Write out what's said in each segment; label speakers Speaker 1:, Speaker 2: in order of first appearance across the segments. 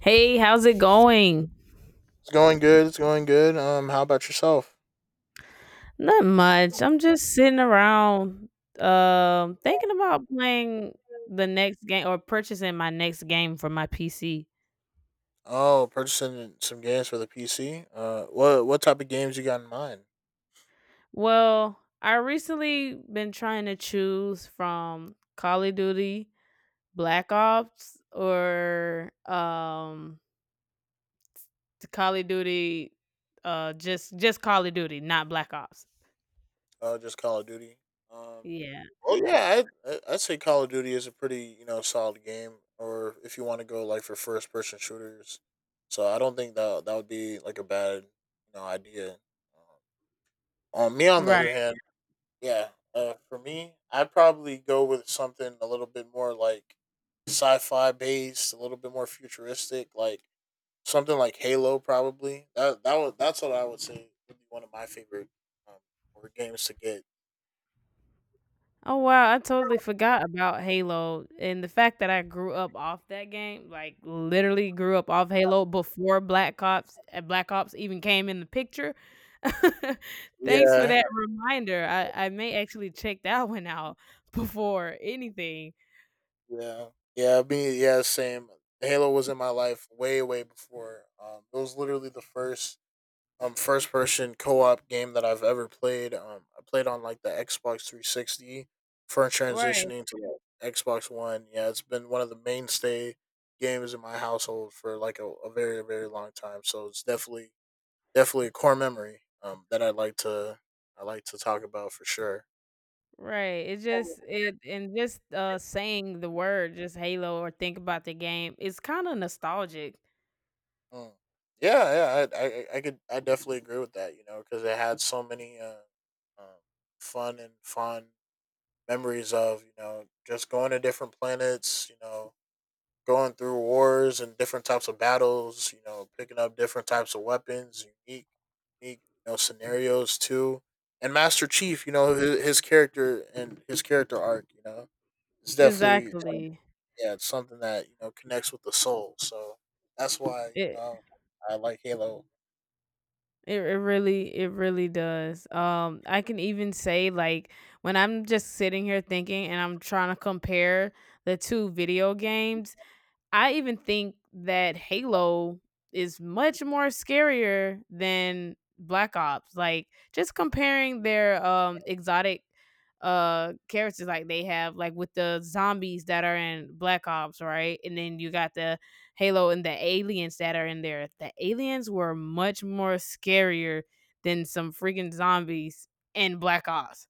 Speaker 1: Hey, how's it going?
Speaker 2: It's going good. It's going good. How about yourself?
Speaker 1: Not much. I'm just sitting around thinking about playing the next game or purchasing my next game for my PC.
Speaker 2: Oh, purchasing some games for the PC. What type of games you got in mind?
Speaker 1: Well, I recently been trying to choose from Call of Duty, Black Ops, or to Call of Duty just Call of Duty, not Black Ops.
Speaker 2: Oh, just Call of Duty. Um,
Speaker 1: Yeah.
Speaker 2: oh yeah, I'd say Call of Duty is a pretty you know solid game. Or if you want to go like for first person shooters, so I don't think that would be like a bad you know idea. Me on the other
Speaker 1: Right.
Speaker 2: hand, yeah, for me, I'd probably go with something a little bit more like sci-fi based, a little bit more futuristic, like something like Halo. Probably that's what I would say would be one of my favorite um, board games to get.
Speaker 1: Oh wow, I totally forgot about Halo and the fact that I grew up off that game, like literally grew up off Halo before Black Ops Black Ops even came in the picture. Thanks for
Speaker 2: Yeah,
Speaker 1: that reminder. I may actually check that one out before anything.
Speaker 2: yeah, yeah, same. Halo was in my life way before. It was literally the first first person co-op game that I've ever played. Um, I played on like the Xbox 360 for
Speaker 1: Right,
Speaker 2: transitioning to like Xbox One. Yeah, it's been one of the mainstay games in my household for like a very long time. So it's definitely a core memory that I like to talk about for sure.
Speaker 1: right. It just it and just saying the word just Halo or think about the game. It's kind of nostalgic.
Speaker 2: Mm. Yeah, I could, I definitely agree with that, you know, cuz it had so many um, fun and fun memories of you know just going to different planets, you know, going through wars and different types of battles, you know, picking up different types of weapons, unique you know scenarios too, and master chief, you know, his character and his character arc, you know, it's definitely
Speaker 1: Exactly.
Speaker 2: yeah, it's something that you know connects with the soul, so that's why you
Speaker 1: It
Speaker 2: know I like Halo.
Speaker 1: It it really does. I can even say like when I'm just sitting here thinking and I'm trying to compare the two video games, I even think that Halo is much more scarier than Black Ops. Like just comparing their exotic characters like they have like with the zombies that are in Black Ops, right? And then you got the Halo and the aliens that are in there. The aliens were much more scarier than some freaking zombies in Black Ops,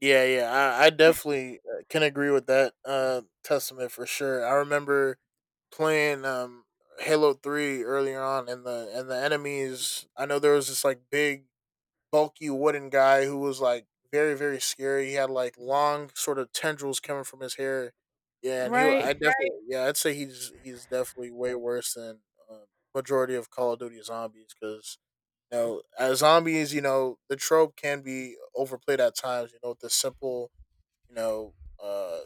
Speaker 2: Yeah, yeah, I definitely can agree with that testament for sure. I remember playing Halo 3 earlier on, and the enemies. I know there was this like big, bulky wooden guy who was like very, very scary. He had like long, sort of tendrils coming from his hair. Yeah, and he. Wa- I
Speaker 1: right?
Speaker 2: Right. Definitely. Yeah, I'd say he's definitely way worse than uh, majority of Call of Duty zombies because you know, as zombies, you know, the trope can be overplayed at times, you know, with the simple you know, uh,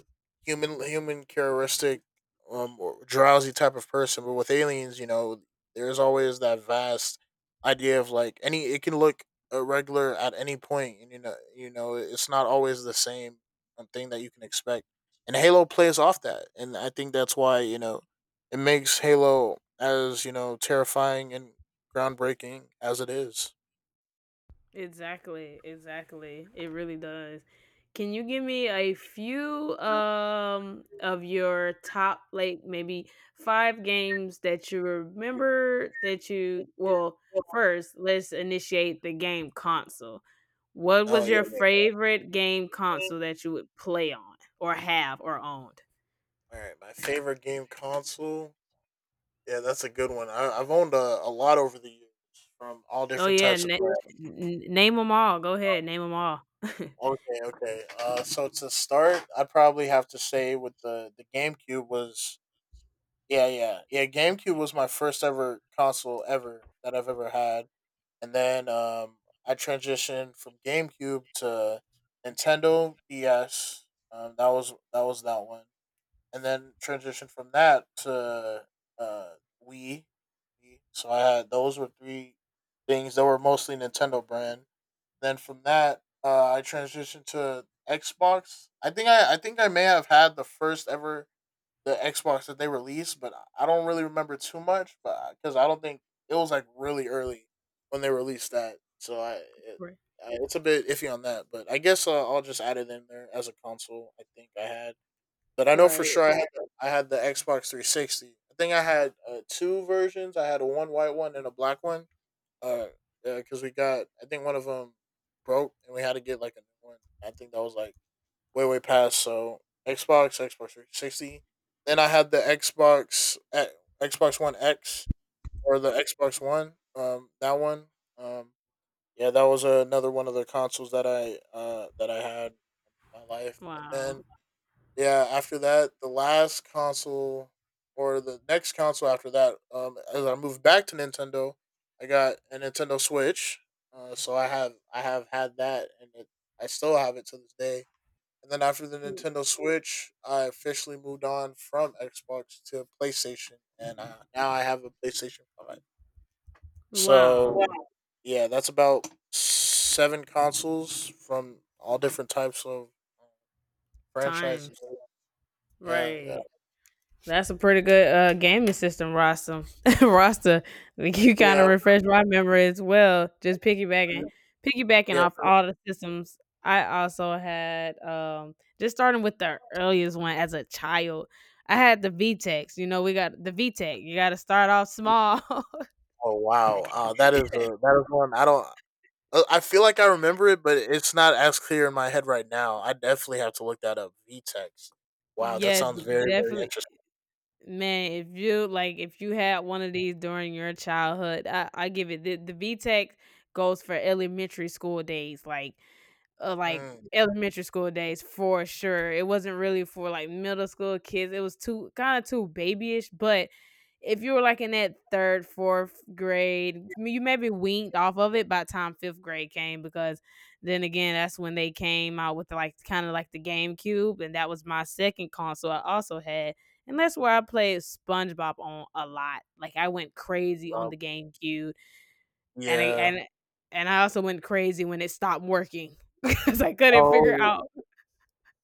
Speaker 2: human characteristic, or drowsy type of person. But with aliens, you know, there's always that vast idea of like any. it can look irregular at any point, and you know, it's not always the same thing that you can expect. And Halo plays off that, and I think that's why you know it makes Halo as you know terrifying and groundbreaking as it is.
Speaker 1: Exactly, exactly. It really does. Can you give me a few of your top like maybe five games that you remember that you well, first, let's initiate the game console. What
Speaker 2: Oh
Speaker 1: was
Speaker 2: yeah,
Speaker 1: your
Speaker 2: yeah.
Speaker 1: favorite game console that you would play on or have or owned?
Speaker 2: All right, my favorite game console, yeah, that's a good one. I've owned a lot over the years from all
Speaker 1: Oh
Speaker 2: different
Speaker 1: yeah,
Speaker 2: types of brands.
Speaker 1: name them all. Go ahead, name them all.
Speaker 2: Okay, okay. So to start, I'd probably have to say with the GameCube was yeah. GameCube was my first ever console ever that I've ever had, and then I transitioned from GameCube to Nintendo DS. Um, that was that one. And then transitioned from that to uh, Wii. So I had, those were three things that were mostly Nintendo brand. Then from that, I transitioned to Xbox. I think I may have had the first ever the Xbox that they released, but I don't really remember too much, but because I don't think it was like really early when they released that. So I, it,
Speaker 1: Right.
Speaker 2: I it's a bit iffy on that, but I guess I'll just add it in there as a console, I think I had. But I know for
Speaker 1: Right.
Speaker 2: sure I had the Xbox 360. I think I had two versions. I had a one white one and a black one. Uh, because we got, I think one of them broke and we had to get like a new one. I think that was like way past. So Xbox, Xbox 360. Then I had the Xbox One X or the Xbox One. That one. Um, yeah, that was another one of the consoles that I had in my life. And
Speaker 1: Wow.
Speaker 2: then yeah, after that, the last console or the next console after that, as I moved back to Nintendo, I got a Nintendo Switch. I have had that, and I still have it to this day. And then after the Nintendo Switch, I officially moved on from Xbox to PlayStation, and now I have a PlayStation 5. So
Speaker 1: Wow.
Speaker 2: wow, yeah, that's about 7 consoles from all different types of uh, franchises.
Speaker 1: Times.
Speaker 2: Yeah, yeah,
Speaker 1: Right. That's a pretty good gaming system roster. Roster. Like, you kind of
Speaker 2: yeah.
Speaker 1: refreshed my memory as well. Just piggybacking
Speaker 2: Yeah.
Speaker 1: off all the systems. I also had just starting with the earliest one as a child. I had the VTEX. You know, we got the Vtech. You got to start off small.
Speaker 2: Oh wow. Uh, that is a that is one I don't. I feel like I remember it, but it's not as clear in my head right now. I definitely have to look that up. VTEX. Wow, that
Speaker 1: Yes,
Speaker 2: sounds very
Speaker 1: definitely.
Speaker 2: interesting.
Speaker 1: Man, if you like, if you had one of these during your childhood, I give it the VTech goes for elementary school days. Like
Speaker 2: Mm,
Speaker 1: elementary school days for sure. It wasn't really for like middle school kids. It was too kind of too babyish. But if you were like in that third, fourth grade, you maybe winked off of it by the time fifth grade came because then again, that's when they came out with like kind of like the GameCube, and that was my second console I also had. And that's where I played SpongeBob on a lot. Like I went crazy on
Speaker 2: um,
Speaker 1: the GameCube. And I
Speaker 2: yeah.
Speaker 1: and and I also went crazy when it stopped working because I couldn't figure
Speaker 2: Oh
Speaker 1: out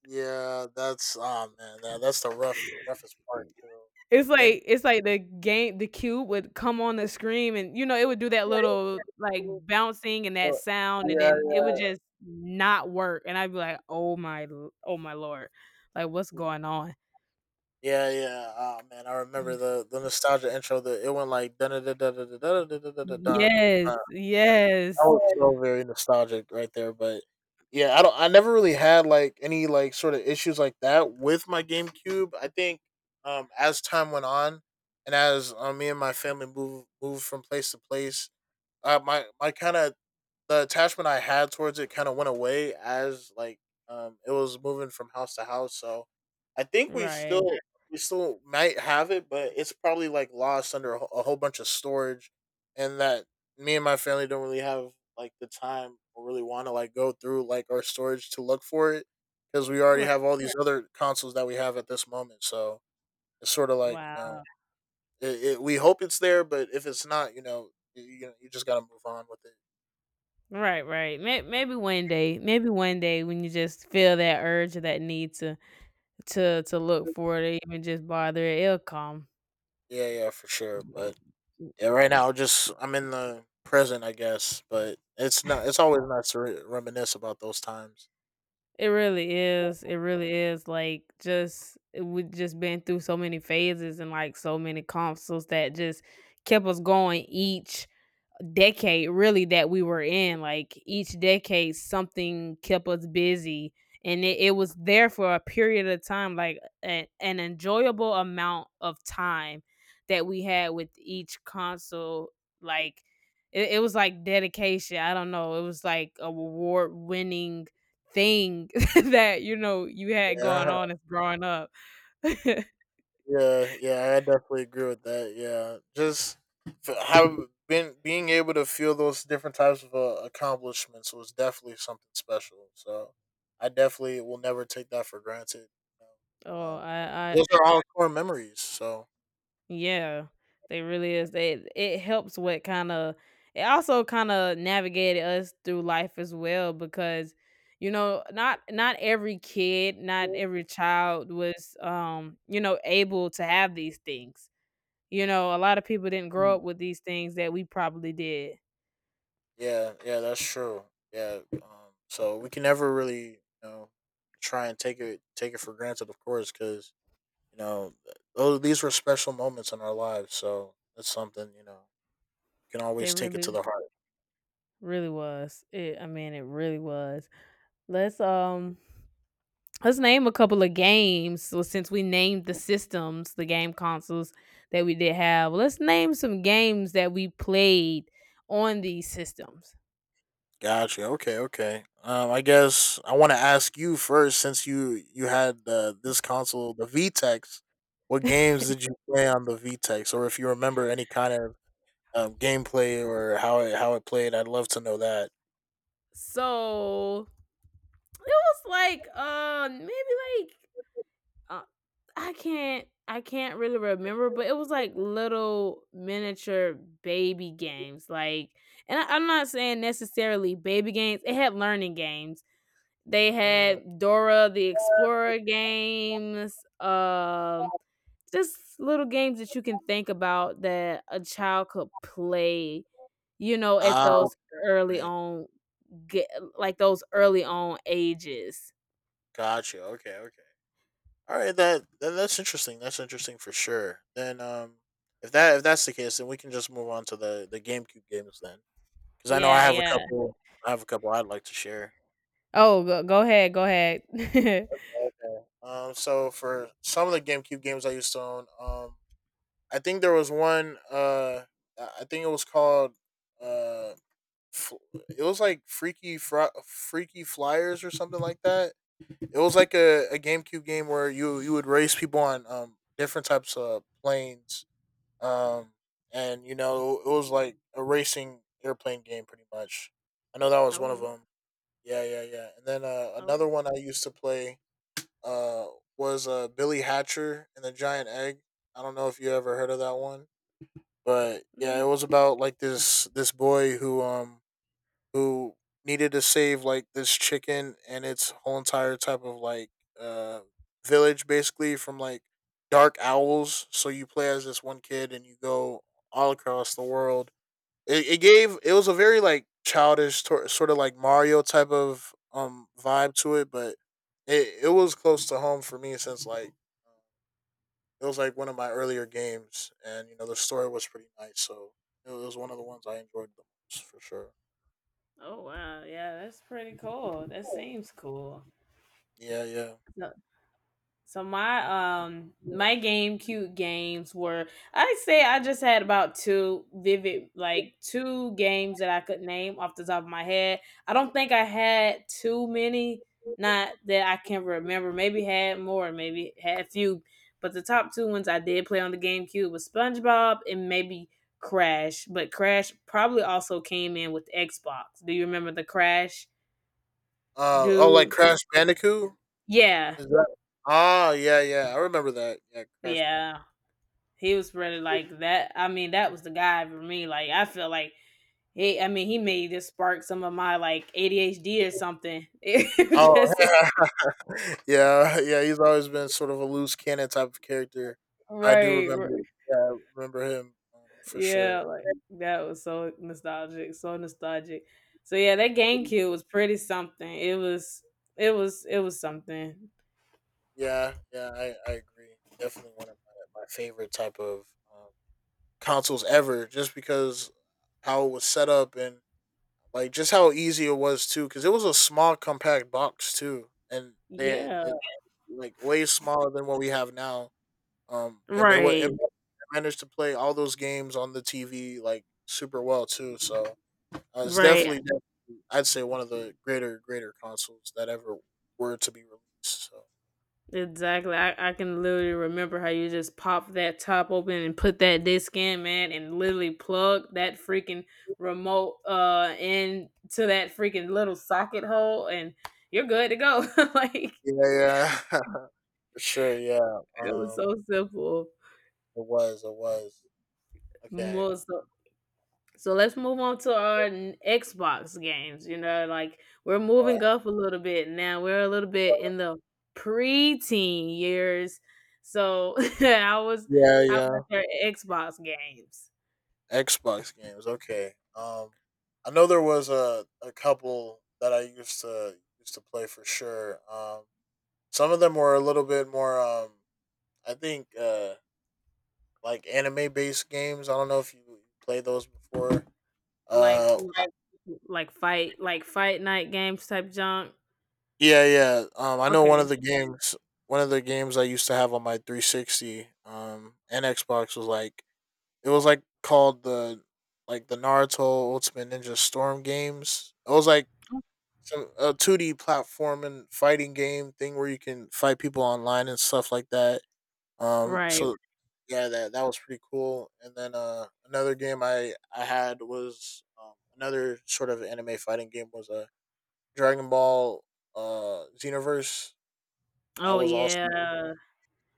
Speaker 2: yeah. That's oh man. That's the roughest part too.
Speaker 1: it's
Speaker 2: Yeah,
Speaker 1: like it's like the game the cube would come on the screen and, you know, it would do that little, like, bouncing and that
Speaker 2: uh,
Speaker 1: sound, and
Speaker 2: yeah.
Speaker 1: then it would just not work, and I'd be like, "Oh my l oh my lord. Like, what's going on?"
Speaker 2: Yeah, yeah. Oh man, I remember the nostalgia intro. The it went like da da da da da da da da da da da.
Speaker 1: Yes,
Speaker 2: That
Speaker 1: yes.
Speaker 2: was so very nostalgic right there. But yeah, I don't, I never really had like any like sort of issues like that with my GameCube. I think as time went on, and as me and my family moved from place to place, my kind of, the attachment I had towards it kind of went away as like it was moving from house to house. So I think we
Speaker 1: Right,
Speaker 2: still we still might have it, but it's probably like lost under a whole bunch of storage, and that me and my family don't really have like the time or really want to like go through like our storage to look for it because we already
Speaker 1: right.
Speaker 2: have all these other consoles that we have at this moment. So it's sort of like you know
Speaker 1: Wow.
Speaker 2: we hope it's there, but if it's not, you know you just gotta move on with it.
Speaker 1: Right, right. Maybe one day, when you just feel that urge or that need to, to look for it or even just bother, it'll come.
Speaker 2: Yeah, yeah, for sure.
Speaker 1: Yeah.
Speaker 2: But
Speaker 1: Mm.
Speaker 2: yeah, right now, just I'm in the present, I guess, but it's not. It's always nice to reminisce about those times.
Speaker 1: It really is, it, yeah, really is, like, just it we just been through so many phases and, like, so many consoles that just kept us going each decade really that we were in. Like each decade something kept us busy and it was there for a period of time, like a, an enjoyable amount of time that we had with each console, like it was like dedication. I don't know, it was like a award winning thing that you know you had
Speaker 2: Yeah,
Speaker 1: going on as growing up.
Speaker 2: yeah, yeah. I definitely agree with that. Yeah, just f- have been being able to feel those different types of accomplishments was definitely something special. So I definitely will never take that for granted. You know?
Speaker 1: oh
Speaker 2: Um,
Speaker 1: I, I
Speaker 2: those are all core memories. So
Speaker 1: yeah, they really is. They it helps what kinda it also kinda navigated us through life as well because, you know, not every kid, not every child was you know, able to have these things. You know, a lot of people didn't grow up with these things that we probably did.
Speaker 2: yeah, yeah, that's true. Yeah, so we can never really, you know, try and take it for granted, of course, because you know, oh, these were special moments in our lives. So that's something you know, can
Speaker 1: They
Speaker 2: always take it to
Speaker 1: really
Speaker 2: the heart.
Speaker 1: really was. It I mean, it really was. Let's um let's name a couple of games. So since we named the systems, the game consoles that we did have, let's name some games that we played on these systems.
Speaker 2: Gotcha. Okay. Okay. I guess I want to ask you first, since you had this console, the VTEX. What games did you play on the VTEX, or if you remember any kind of gameplay or how it played? I'd love to know that.
Speaker 1: So it was like maybe like uh, I can't really remember, but it was like little miniature baby games. Like, and I'm not saying necessarily baby games. It had learning games. They
Speaker 2: Mm.
Speaker 1: had Dora the Explorer games. Just little games that you can think about that a child could play, you know, at
Speaker 2: Ah,
Speaker 1: those early
Speaker 2: okay.
Speaker 1: on get like those early on ages.
Speaker 2: Gotcha. Okay. Okay. All right. That's interesting. That's interesting for sure. Then, if that's the case, then we can just move on to the GameCube games then, because I know I
Speaker 1: Yeah,
Speaker 2: have a
Speaker 1: yeah.
Speaker 2: couple. I have a couple I'd like to share.
Speaker 1: Oh, go, go ahead, go ahead.
Speaker 2: Okay. Um, so for some of the GameCube games I used to own, I think there was one. Uh, I think it was called. Uh, F- it was like Freaky Flyers or something like that. It was like a GameCube game where you would race people on different types of planes. Um, and you know it was like a racing airplane game pretty much. I know that was one of
Speaker 1: Oh,
Speaker 2: them. Yeah, yeah, yeah. And then
Speaker 1: oh,
Speaker 2: another one I used to play uh was Billy Hatcher and the Giant Egg. I don't know if you ever heard of that one, but yeah,
Speaker 1: mm,
Speaker 2: it was about like this boy who who needed to save like this chicken and its whole entire type of like uh village basically from like dark owls. So you play as this one kid and you go all across the world. It was a very like childish sort of like Mario type of vibe to it, but it was close to home for me since like it was like one of my earlier games, and you know the story was pretty nice, so it was one of the ones I enjoyed the most for sure.
Speaker 1: oh, wow. Yeah, that's pretty cool. That seems cool.
Speaker 2: Yeah, yeah.
Speaker 1: So so my my GameCube games were I say I just had about two vivid like two games that I could name off the top of my head. I don't think I had too many, not that I can remember. Maybe had more, maybe had a few, but the top two ones I did play on the GameCube was SpongeBob and maybe Crash. But Crash probably also came in with Xbox. Do you remember the Crash
Speaker 2: Uh oh, like
Speaker 1: dude?
Speaker 2: Crash Bandicoot.
Speaker 1: Yeah,
Speaker 2: Is that? Ah, yeah, yeah, I remember that. Yeah, Crash Bandicoot.
Speaker 1: yeah. He was really like that. I mean, that was the guy for me. Like, I feel like he. I mean, he may just spark some of my like ADHD or something. It was
Speaker 2: Oh,
Speaker 1: just
Speaker 2: yeah, yeah. He's always been sort of a loose cannon type of character. I do
Speaker 1: right, right,
Speaker 2: remember. Yeah, I remember him, for
Speaker 1: yeah.
Speaker 2: sure.
Speaker 1: Like that was so nostalgic, so nostalgic. So yeah, that GameCube was pretty something. It was, it was, it was something.
Speaker 2: Yeah, yeah. I agree. Definitely one of my favorite type of um, consoles ever, just because how it was set up. And Like just how easy it was too, because it was a small compact box too, and
Speaker 1: Yeah.
Speaker 2: it, like, way smaller than what we have now. And it wa it
Speaker 1: Right.
Speaker 2: managed to play all those games on the TV like super well too. So it's
Speaker 1: Right.
Speaker 2: definitely, definitely, I'd say one of the greater consoles that ever were to be released. So
Speaker 1: Exactly. I can literally remember how you just pop that top open and put that disc in, man, and literally plug that freaking remote into that freaking little socket hole and you're good to go. Like it
Speaker 2: yeah, yeah, for sure, yeah.
Speaker 1: was so simple.
Speaker 2: It was okay.
Speaker 1: So, so let's move on to our Xbox games. You know, like we're
Speaker 2: All right.
Speaker 1: moving up a little bit now. We're a little bit in the preteen years. So I was
Speaker 2: Yeah,
Speaker 1: how
Speaker 2: yeah.
Speaker 1: about your Xbox games?
Speaker 2: Xbox games. Okay. I know there was a couple that I used to play for sure. Some of them were a little bit more. I think like anime based games. I don't know if you played those before.
Speaker 1: Like
Speaker 2: Uh,
Speaker 1: fight night games type junk?
Speaker 2: yeah, yeah. I know one
Speaker 1: Okay.
Speaker 2: of the games. One of the games I used to have on my 360 and Xbox was like it was like called the like the Naruto Ultimate Ninja Storm games. It was like some a 2D platforming fighting game thing where you can fight people online and stuff like that. Um,
Speaker 1: Right.
Speaker 2: so yeah, that was pretty cool. And then another game I had was, another sort of anime fighting game, was a Dragon Ball Xenoverse. That
Speaker 1: Oh
Speaker 2: was
Speaker 1: yeah.
Speaker 2: also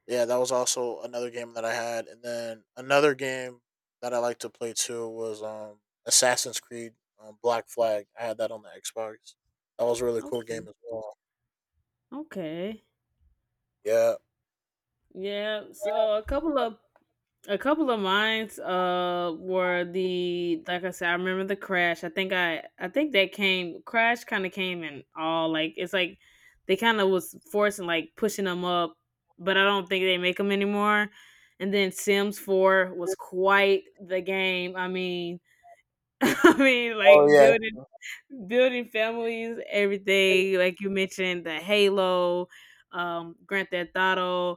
Speaker 2: yeah, that was also another game that I had. And then another game that I like to play too was, um, Assassin's Creed, Black Flag. I had that on the Xbox. That was a really cool
Speaker 1: Okay.
Speaker 2: game as well.
Speaker 1: Okay.
Speaker 2: Yeah.
Speaker 1: Yeah. So a couple of mines were the like I said, I remember the crash. I think that came crash kinda came in all like it's like they kinda was forcing like pushing them up, but I don't think they make them anymore. And then Sims 4 was quite the game. I mean, I mean,
Speaker 2: Oh
Speaker 1: like
Speaker 2: yeah.
Speaker 1: building families, everything. Like you mentioned, the Halo, Grand Theft Auto,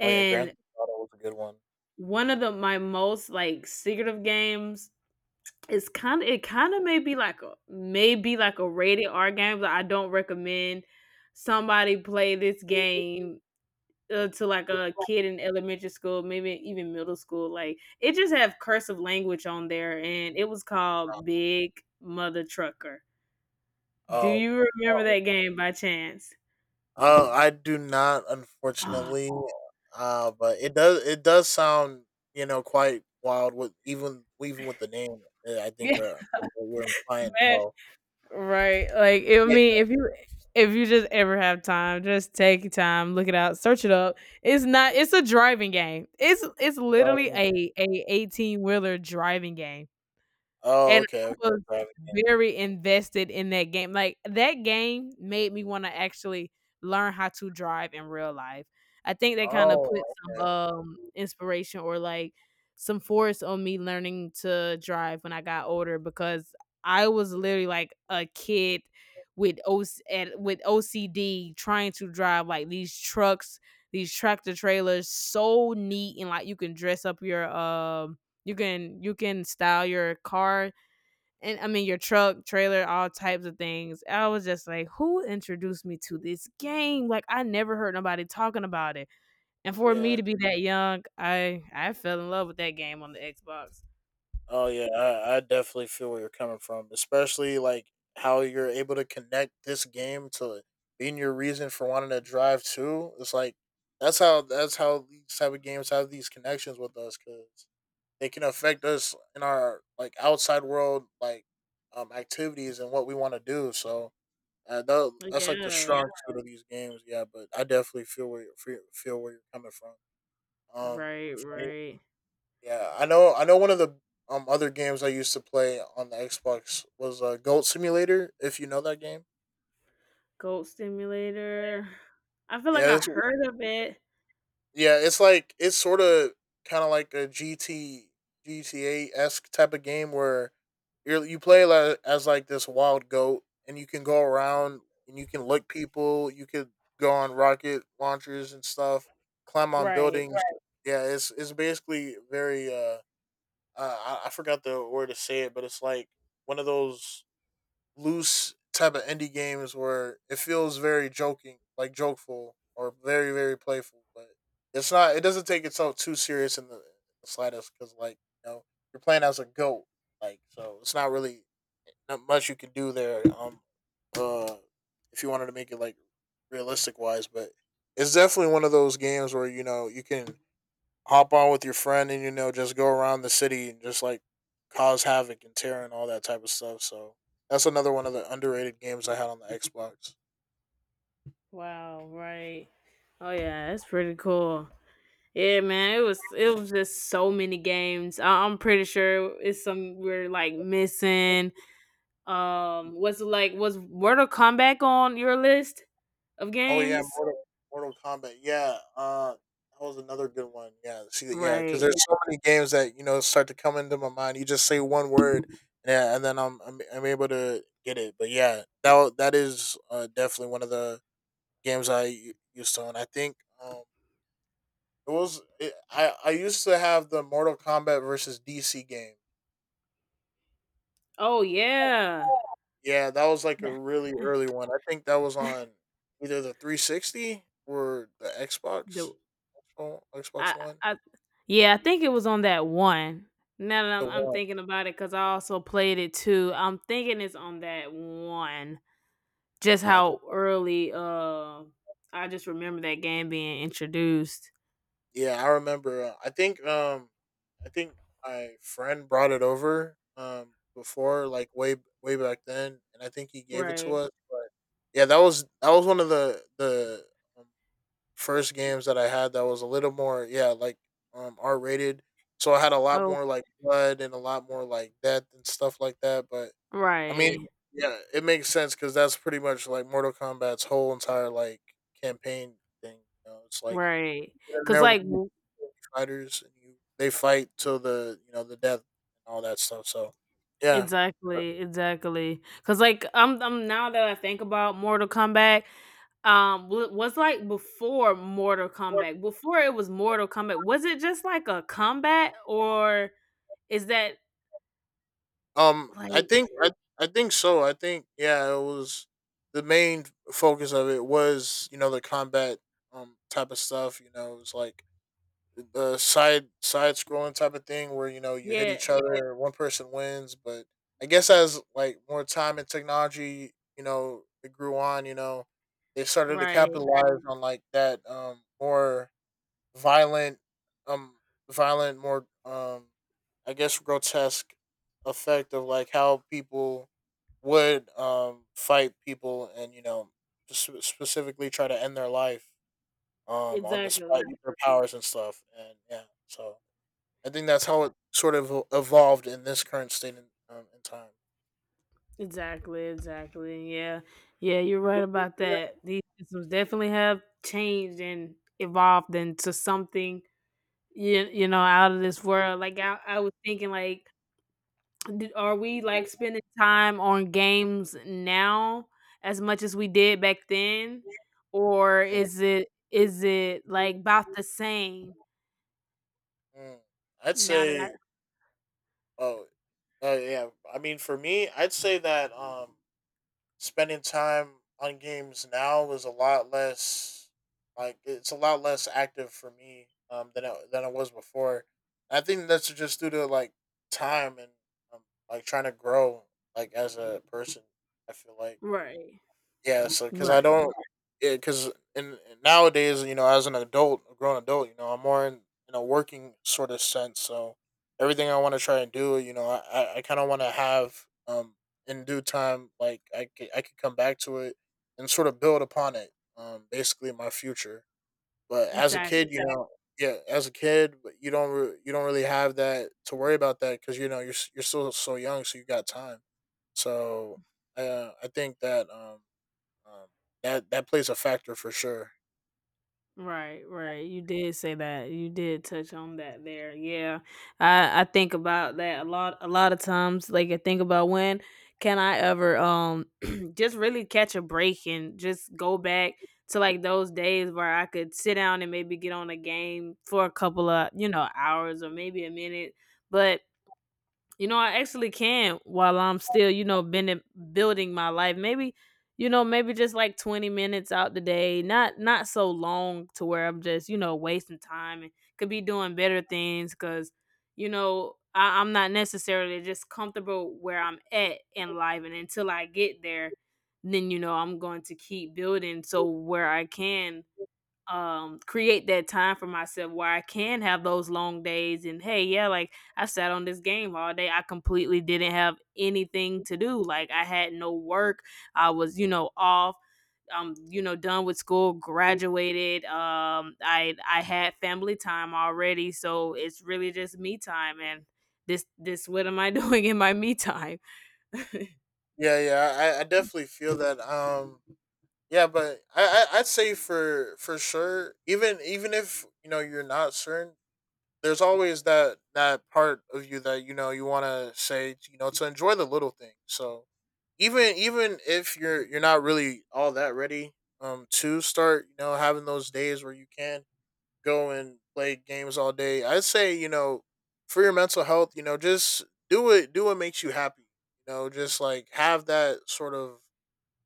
Speaker 2: Oh yeah, Grand
Speaker 1: and
Speaker 2: Theft Auto was a good one.
Speaker 1: one of the my most like secretive games is kind of it kind of may be like a maybe like a rated R game, but I don't recommend somebody play this game
Speaker 2: Hmm.
Speaker 1: to like a kid in elementary school, maybe even middle school. Like it just have cursive language on there, and it was called Big Mother Trucker. Do
Speaker 2: Um.
Speaker 1: you remember that game by chance?
Speaker 2: I do not,
Speaker 1: Oh,
Speaker 2: unfortunately. But it does. It does sound, you know, quite wild. With even with the name, I think
Speaker 1: yeah,
Speaker 2: we're implying.
Speaker 1: man.
Speaker 2: So
Speaker 1: Right. Like it, I
Speaker 2: yeah.
Speaker 1: mean, if you just ever have time, just take your time, look it out, search it up. It's not it's a driving game. It's literally
Speaker 2: Driving.
Speaker 1: a 18 wheeler driving game.
Speaker 2: Oh,
Speaker 1: And
Speaker 2: okay.
Speaker 1: I
Speaker 2: Okay.
Speaker 1: was
Speaker 2: Driving.
Speaker 1: very invested in that game, like, that game made me wanna actually learn how to drive in real life. I think they kinda
Speaker 2: Oh,
Speaker 1: put
Speaker 2: okay.
Speaker 1: some, inspiration or, like, some force on me learning to drive when I got older because I was literally like a kid with Oc and with OCD trying to drive, like, these trucks, these tractor trailers so neat and, like, you can dress up your, you can style your car and I mean your truck, trailer, all types of things. I was just like, who introduced me to this game? Like I never heard nobody talking about it. And for me
Speaker 2: Yeah.
Speaker 1: to be that young, I fell in love with that game on the Xbox.
Speaker 2: Oh yeah, I definitely feel where you're coming from, especially like how you're able to connect this game to being your reason for wanting to drive too. It's like that's how these type of games have these connections with us because they can affect us in our like outside world, like activities and what we want to do. So that's like the
Speaker 1: Yeah.
Speaker 2: strong suit of these games. Yeah, but I definitely feel where you feel where you're coming from. Um,
Speaker 1: Right, right.
Speaker 2: yeah, I know. I know one of the other games I used to play on the Xbox was, Goat Simulator. If you know that game,
Speaker 1: Goat Simulator. I feel like
Speaker 2: yeah,
Speaker 1: I
Speaker 2: it's,
Speaker 1: heard of it.
Speaker 2: yeah, it's like it's sort of kind of like a GT GTA esque type of game where as like this wild goat, and you can go around and you can lick people. You could go on rocket launchers and stuff, climb on
Speaker 1: Right.
Speaker 2: buildings. Right. Yeah, it's basically very, I forgot the word to say it, but it's like one of those loose type of indie games where it feels very joking, like jokeful or very playful, but it's not. It doesn't take itself too serious in the slightest because like you know you're playing as a goat, like so it's not really not much you can do there. Uh, if you wanted to make it like realistic wise. But it's definitely one of those games where you know you can hop on with your friend and you know just go around the city and just like cause havoc and tear and all that type of stuff. So that's another one of the underrated games I had on the Xbox.
Speaker 1: Wow, right. Oh yeah, that's pretty cool. Yeah, man, it was just so many games. I'm pretty sure it's some we're like missing. Was it like was Mortal Kombat on your list of
Speaker 2: Oh yeah,
Speaker 1: games?
Speaker 2: Mortal Kombat. Yeah, that was another good one. Yeah, see, yeah, because
Speaker 1: Right.
Speaker 2: there's so many games that you know start to come into my mind. You just say one word, yeah, and then I'm able to get it. But yeah, that is, definitely one of the games used to own. I think. It was it, I used to have the Mortal Kombat versus DC game.
Speaker 1: Oh yeah.
Speaker 2: Yeah, that was like a
Speaker 1: Yeah.
Speaker 2: really early one. I think that was on either the 360 or the Xbox.
Speaker 1: The
Speaker 2: Oh, Xbox
Speaker 1: I
Speaker 2: One.
Speaker 1: I yeah, I think it was on that one. Now that
Speaker 2: The
Speaker 1: I'm
Speaker 2: one.
Speaker 1: thinking about it, because I also played it too. I'm thinking it's on that one. Just
Speaker 2: Uh, the,
Speaker 1: how early I just remember that game being introduced.
Speaker 2: yeah, I remember. I think, I think my friend brought it over before like way back then, and I think he gave it to
Speaker 1: Right.
Speaker 2: us. But yeah, that was one of the, um, first games that I had that was a little more, yeah, like, um, R rated. So I had a lot
Speaker 1: Oh
Speaker 2: more like blood and a lot more like death and stuff like that. But I mean,
Speaker 1: right.
Speaker 2: yeah, it makes sense because that's pretty much like Mortal Kombat's whole entire like campaign thing. You know, it's like
Speaker 1: Right.
Speaker 2: you get in
Speaker 1: Cause
Speaker 2: there with
Speaker 1: like
Speaker 2: the fighters, and you they fight till the you know the death and all that stuff. So yeah.
Speaker 1: exactly, exactly. Cause like, I'm now that I think about Mortal Kombat, wa was, like, before Mortal Kombat, before it was Mortal Kombat, was it just, like, a combat, or is that,
Speaker 2: Um, I
Speaker 1: like,
Speaker 2: think I, I think so. I think yeah, it was the main focus of it was you know the combat, type of stuff. You know, it was like the side scrolling type of thing where you know you hit
Speaker 1: yeah,
Speaker 2: each other, one person wins. But I guess as like more time and technology, you know, it grew on. You know, they started to
Speaker 1: right.
Speaker 2: capitalize on like that, more violent, um violent more I guess grotesque effect of like how people would fight people, and you know specifically try to end their life on the spot
Speaker 1: Exactly.
Speaker 2: with their powers and stuff. And yeah, so I think that's how it sort of evolved in this current state in time.
Speaker 1: Exactly, exactly, yeah. Yeah, you're right about that. These systems definitely have changed and evolved into something, you know, out of this world, like, I was thinking, like, D are we, like, spending time on games now as much as we did back then? Or is it like about the same
Speaker 2: Mm. I'd
Speaker 1: now that I...
Speaker 2: say oh yeah, I mean for me, I'd say that spending time on games now is a lot less, like it's a lot less active for me, than it was before. I think that's just due to like time and, um, like trying to grow like as a person. I feel like.
Speaker 1: Right.
Speaker 2: Yeah, so because I
Speaker 1: Right.
Speaker 2: don't, yeah, because in nowadays, you know, as an adult, a grown adult, you know, I'm more in a working sort of sense. So everything I want to try and do, you know, I kind of want to have in due time, like I could come back to it and sort of build upon it, basically my future. But as a kid, you Yeah.
Speaker 1: Exactly.
Speaker 2: know, yeah, as a kid, but you don't really have that to worry about that because you know you're still so young, so you got time. So I think um, that that plays a factor for sure.
Speaker 1: Right, right. You did say that. You did touch on that there. Yeah. I think about that a lot of times. Like I think about, when can I ever just really catch a break and just go back to like those days where I could sit down and maybe get on a game for a couple of, you know, hours or maybe a minute. But you know, I actually can while I'm still, you know, been building my life. Maybe, you know, maybe just like 20 minutes out the day. Not so long to where I'm just, you know, wasting time and could be doing better things, cuz you know, I'm not necessarily just comfortable where I'm at in life, and until I get there, then you know, I'm going to keep building so where I can create that time for myself where I can have those long days and, hey, yeah, like I sat on this game all day, I completely didn't have anything to do, like I had no work, I was, you know, off, you know, done with school, graduated, I had family time already, so it's really just me time. And this, what am I doing in my me time?
Speaker 2: Yeah, yeah, I definitely feel that. Yeah, but I, I'd say for sure, even if you know you're not certain, there's always that part of you that you know you want to say you know to enjoy the little things. So even if you're you're not really all that ready to start, you know, having those days where you can go and play games all day. I say, you know, for your mental health, you know, just do it, do what makes you happy. You know, just like have that sort of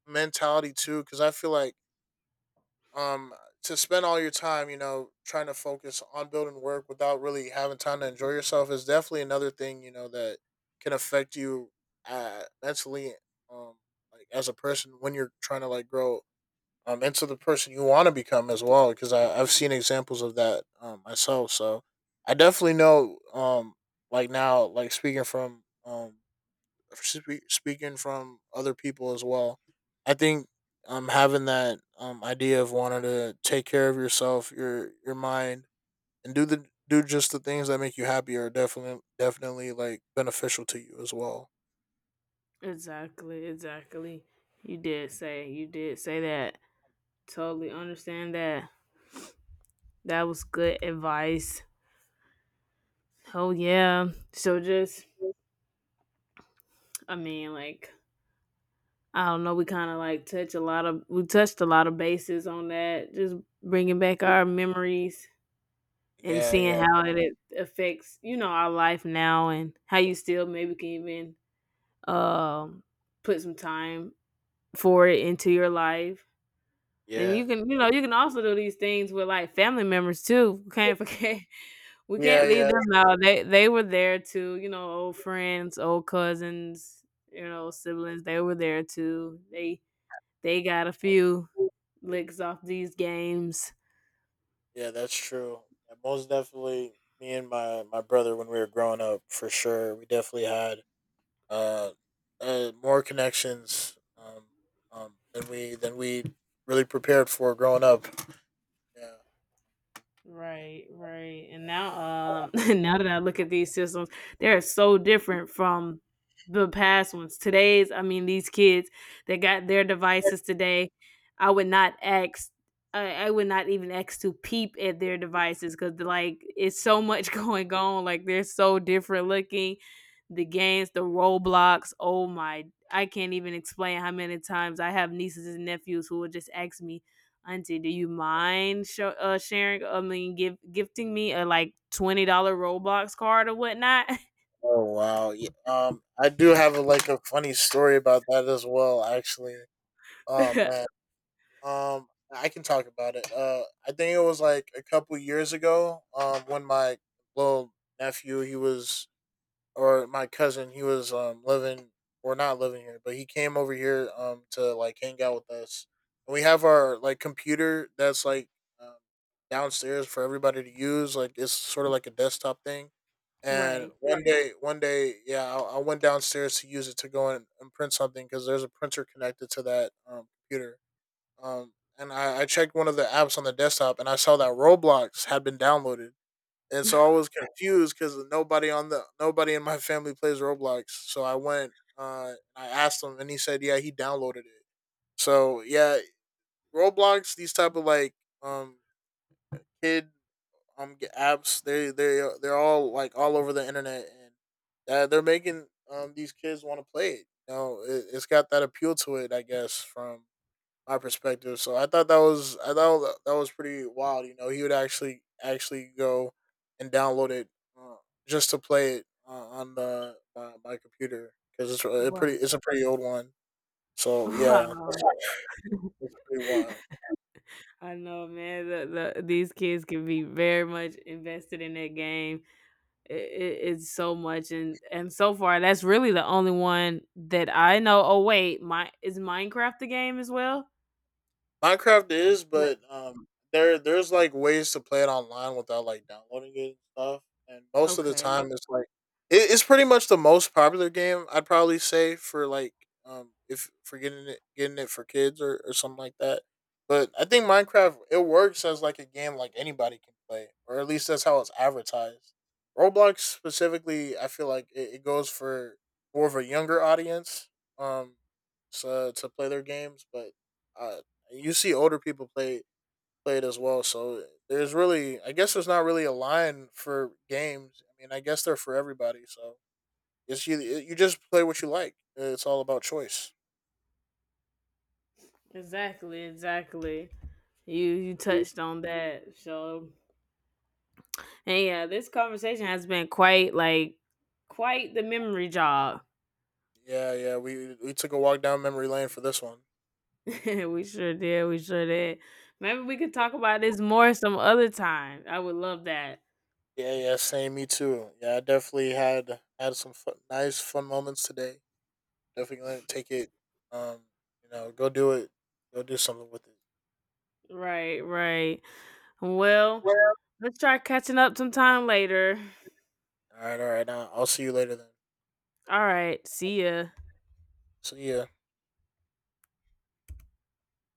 Speaker 2: mentality too, because I feel like, um to spend all your time, you know, trying to focus on building work without really having time to enjoy yourself is definitely another thing, you know, that can affect you, mentally, um, like as a person when you're trying to like grow, into the person you want to become as well. Because I've seen examples of that, myself. So I definitely know, like now, like speaking from, speaking from other people as well. I think, having that, idea of wanting to take care of yourself, your mind, and do the do just the things that make you happy are definitely like beneficial to you as well.
Speaker 1: Exactly, exactly. You did say that. Totally understand that. That was good advice. Oh yeah. So just, I mean, like, I don't know, we kind of like touch a lot of we touched a lot of bases on that, just bringing back our memories and
Speaker 2: Yeah,
Speaker 1: seeing
Speaker 2: yeah,
Speaker 1: how it affects, you know, our life now and how you still maybe can even um put some time for it into your life. And you
Speaker 2: yeah,
Speaker 1: can, you know, you can also do these things with like family members too. Can't forget. We
Speaker 2: yeah,
Speaker 1: can't leave
Speaker 2: yeah.
Speaker 1: them out. They were there too, you know, old friends, old cousins, you know, siblings, they were there too. They got a few licks off these games.
Speaker 2: Yeah, that's true. Yeah, most definitely, me and my brother when we were growing up, for sure, we definitely had, uh, more connections than we really prepared for growing up. Yeah. Yeah.
Speaker 1: Right, right. And now now that I look at these systems, they're so different from the past ones. Today's, I mean, these kids that got their devices today, I would not ask I would not even ask to peep at their devices, because like it's so much going on. Like they're so different looking. The games, the Roblox, oh my. I can't even explain how many times I have nieces and nephews who will just ask me, auntie, do you mind sharing? I mean, give gifting me a like $20 Roblox card or whatnot.
Speaker 2: Oh wow. Yeah. I do have a, like a funny story about that as well. Actually. Oh man. Um, I can talk about it. I think it was like a couple years ago. When my little nephew he was or my cousin, he was living or not living here, but he came over here to like hang out with us. And we have our like computer that's like, um, downstairs for everybody to use. Like it's sort of like a desktop thing. And
Speaker 1: Right.
Speaker 2: one day, yeah, I went downstairs to use it to go in and print something because there's a printer connected to that, computer. And I checked one of the apps on the desktop, and I saw that Roblox had been downloaded, and so I was confused because nobody on the nobody in my family plays Roblox. So I went, I asked him, and he said, yeah, he downloaded it. So yeah, Roblox, these type of like, um kid, apps, they they're all like all over the internet, and, they're making these kids want to play it. You know, it, it's got that appeal to it, I guess, from my perspective. So I thought that was I thought that was pretty wild. You know, he would actually go and download it, uh, just to play it, on the my computer, because
Speaker 1: Wow.
Speaker 2: it's a pretty old one. So yeah,
Speaker 1: Wow.
Speaker 2: it's pretty wild.
Speaker 1: I know, man. These kids can be very much invested in that game. It's so much, and so far, that's really the only one that I know. Oh wait, my is Minecraft the game as well?
Speaker 2: Minecraft is,
Speaker 1: Le-
Speaker 2: but there there's like ways to play it online without like downloading it and stuff. And most of the
Speaker 1: Okay,
Speaker 2: time, it's like it, it's pretty much the most popular game I'd probably say for like, if for getting it for kids or something like that. But I think Minecraft it works as like a game like anybody can play, or at least that's how it's advertised. Roblox specifically, I feel like it goes for more of a younger audience, um, to play their games. But, uh, you see older people play it as well. So there's really, I guess, there's not really a line for games. I mean, I guess they're for everybody. So it's you. You just play what you like. It's all about choice.
Speaker 1: exactly, exactly. You
Speaker 2: Mm.
Speaker 1: touched on that, so. And yeah, this conversation has been quite like quite the memory jog.
Speaker 2: Yeah, yeah. We took a walk down memory lane for this one.
Speaker 1: We sure did. We sure did. Maybe we could talk about this more some other time. I would love that.
Speaker 2: Yeah, yeah. Same. Me too. Yeah, I definitely had some fun, nice fun moments today. Definitely gonna take it. Um, you know, go do it. Go do something with it.
Speaker 1: Right, right. Well,
Speaker 2: Well,
Speaker 1: let's try catching up sometime later.
Speaker 2: all right, all right. Now I'll see you later then.
Speaker 1: All right. See ya.
Speaker 2: See ya.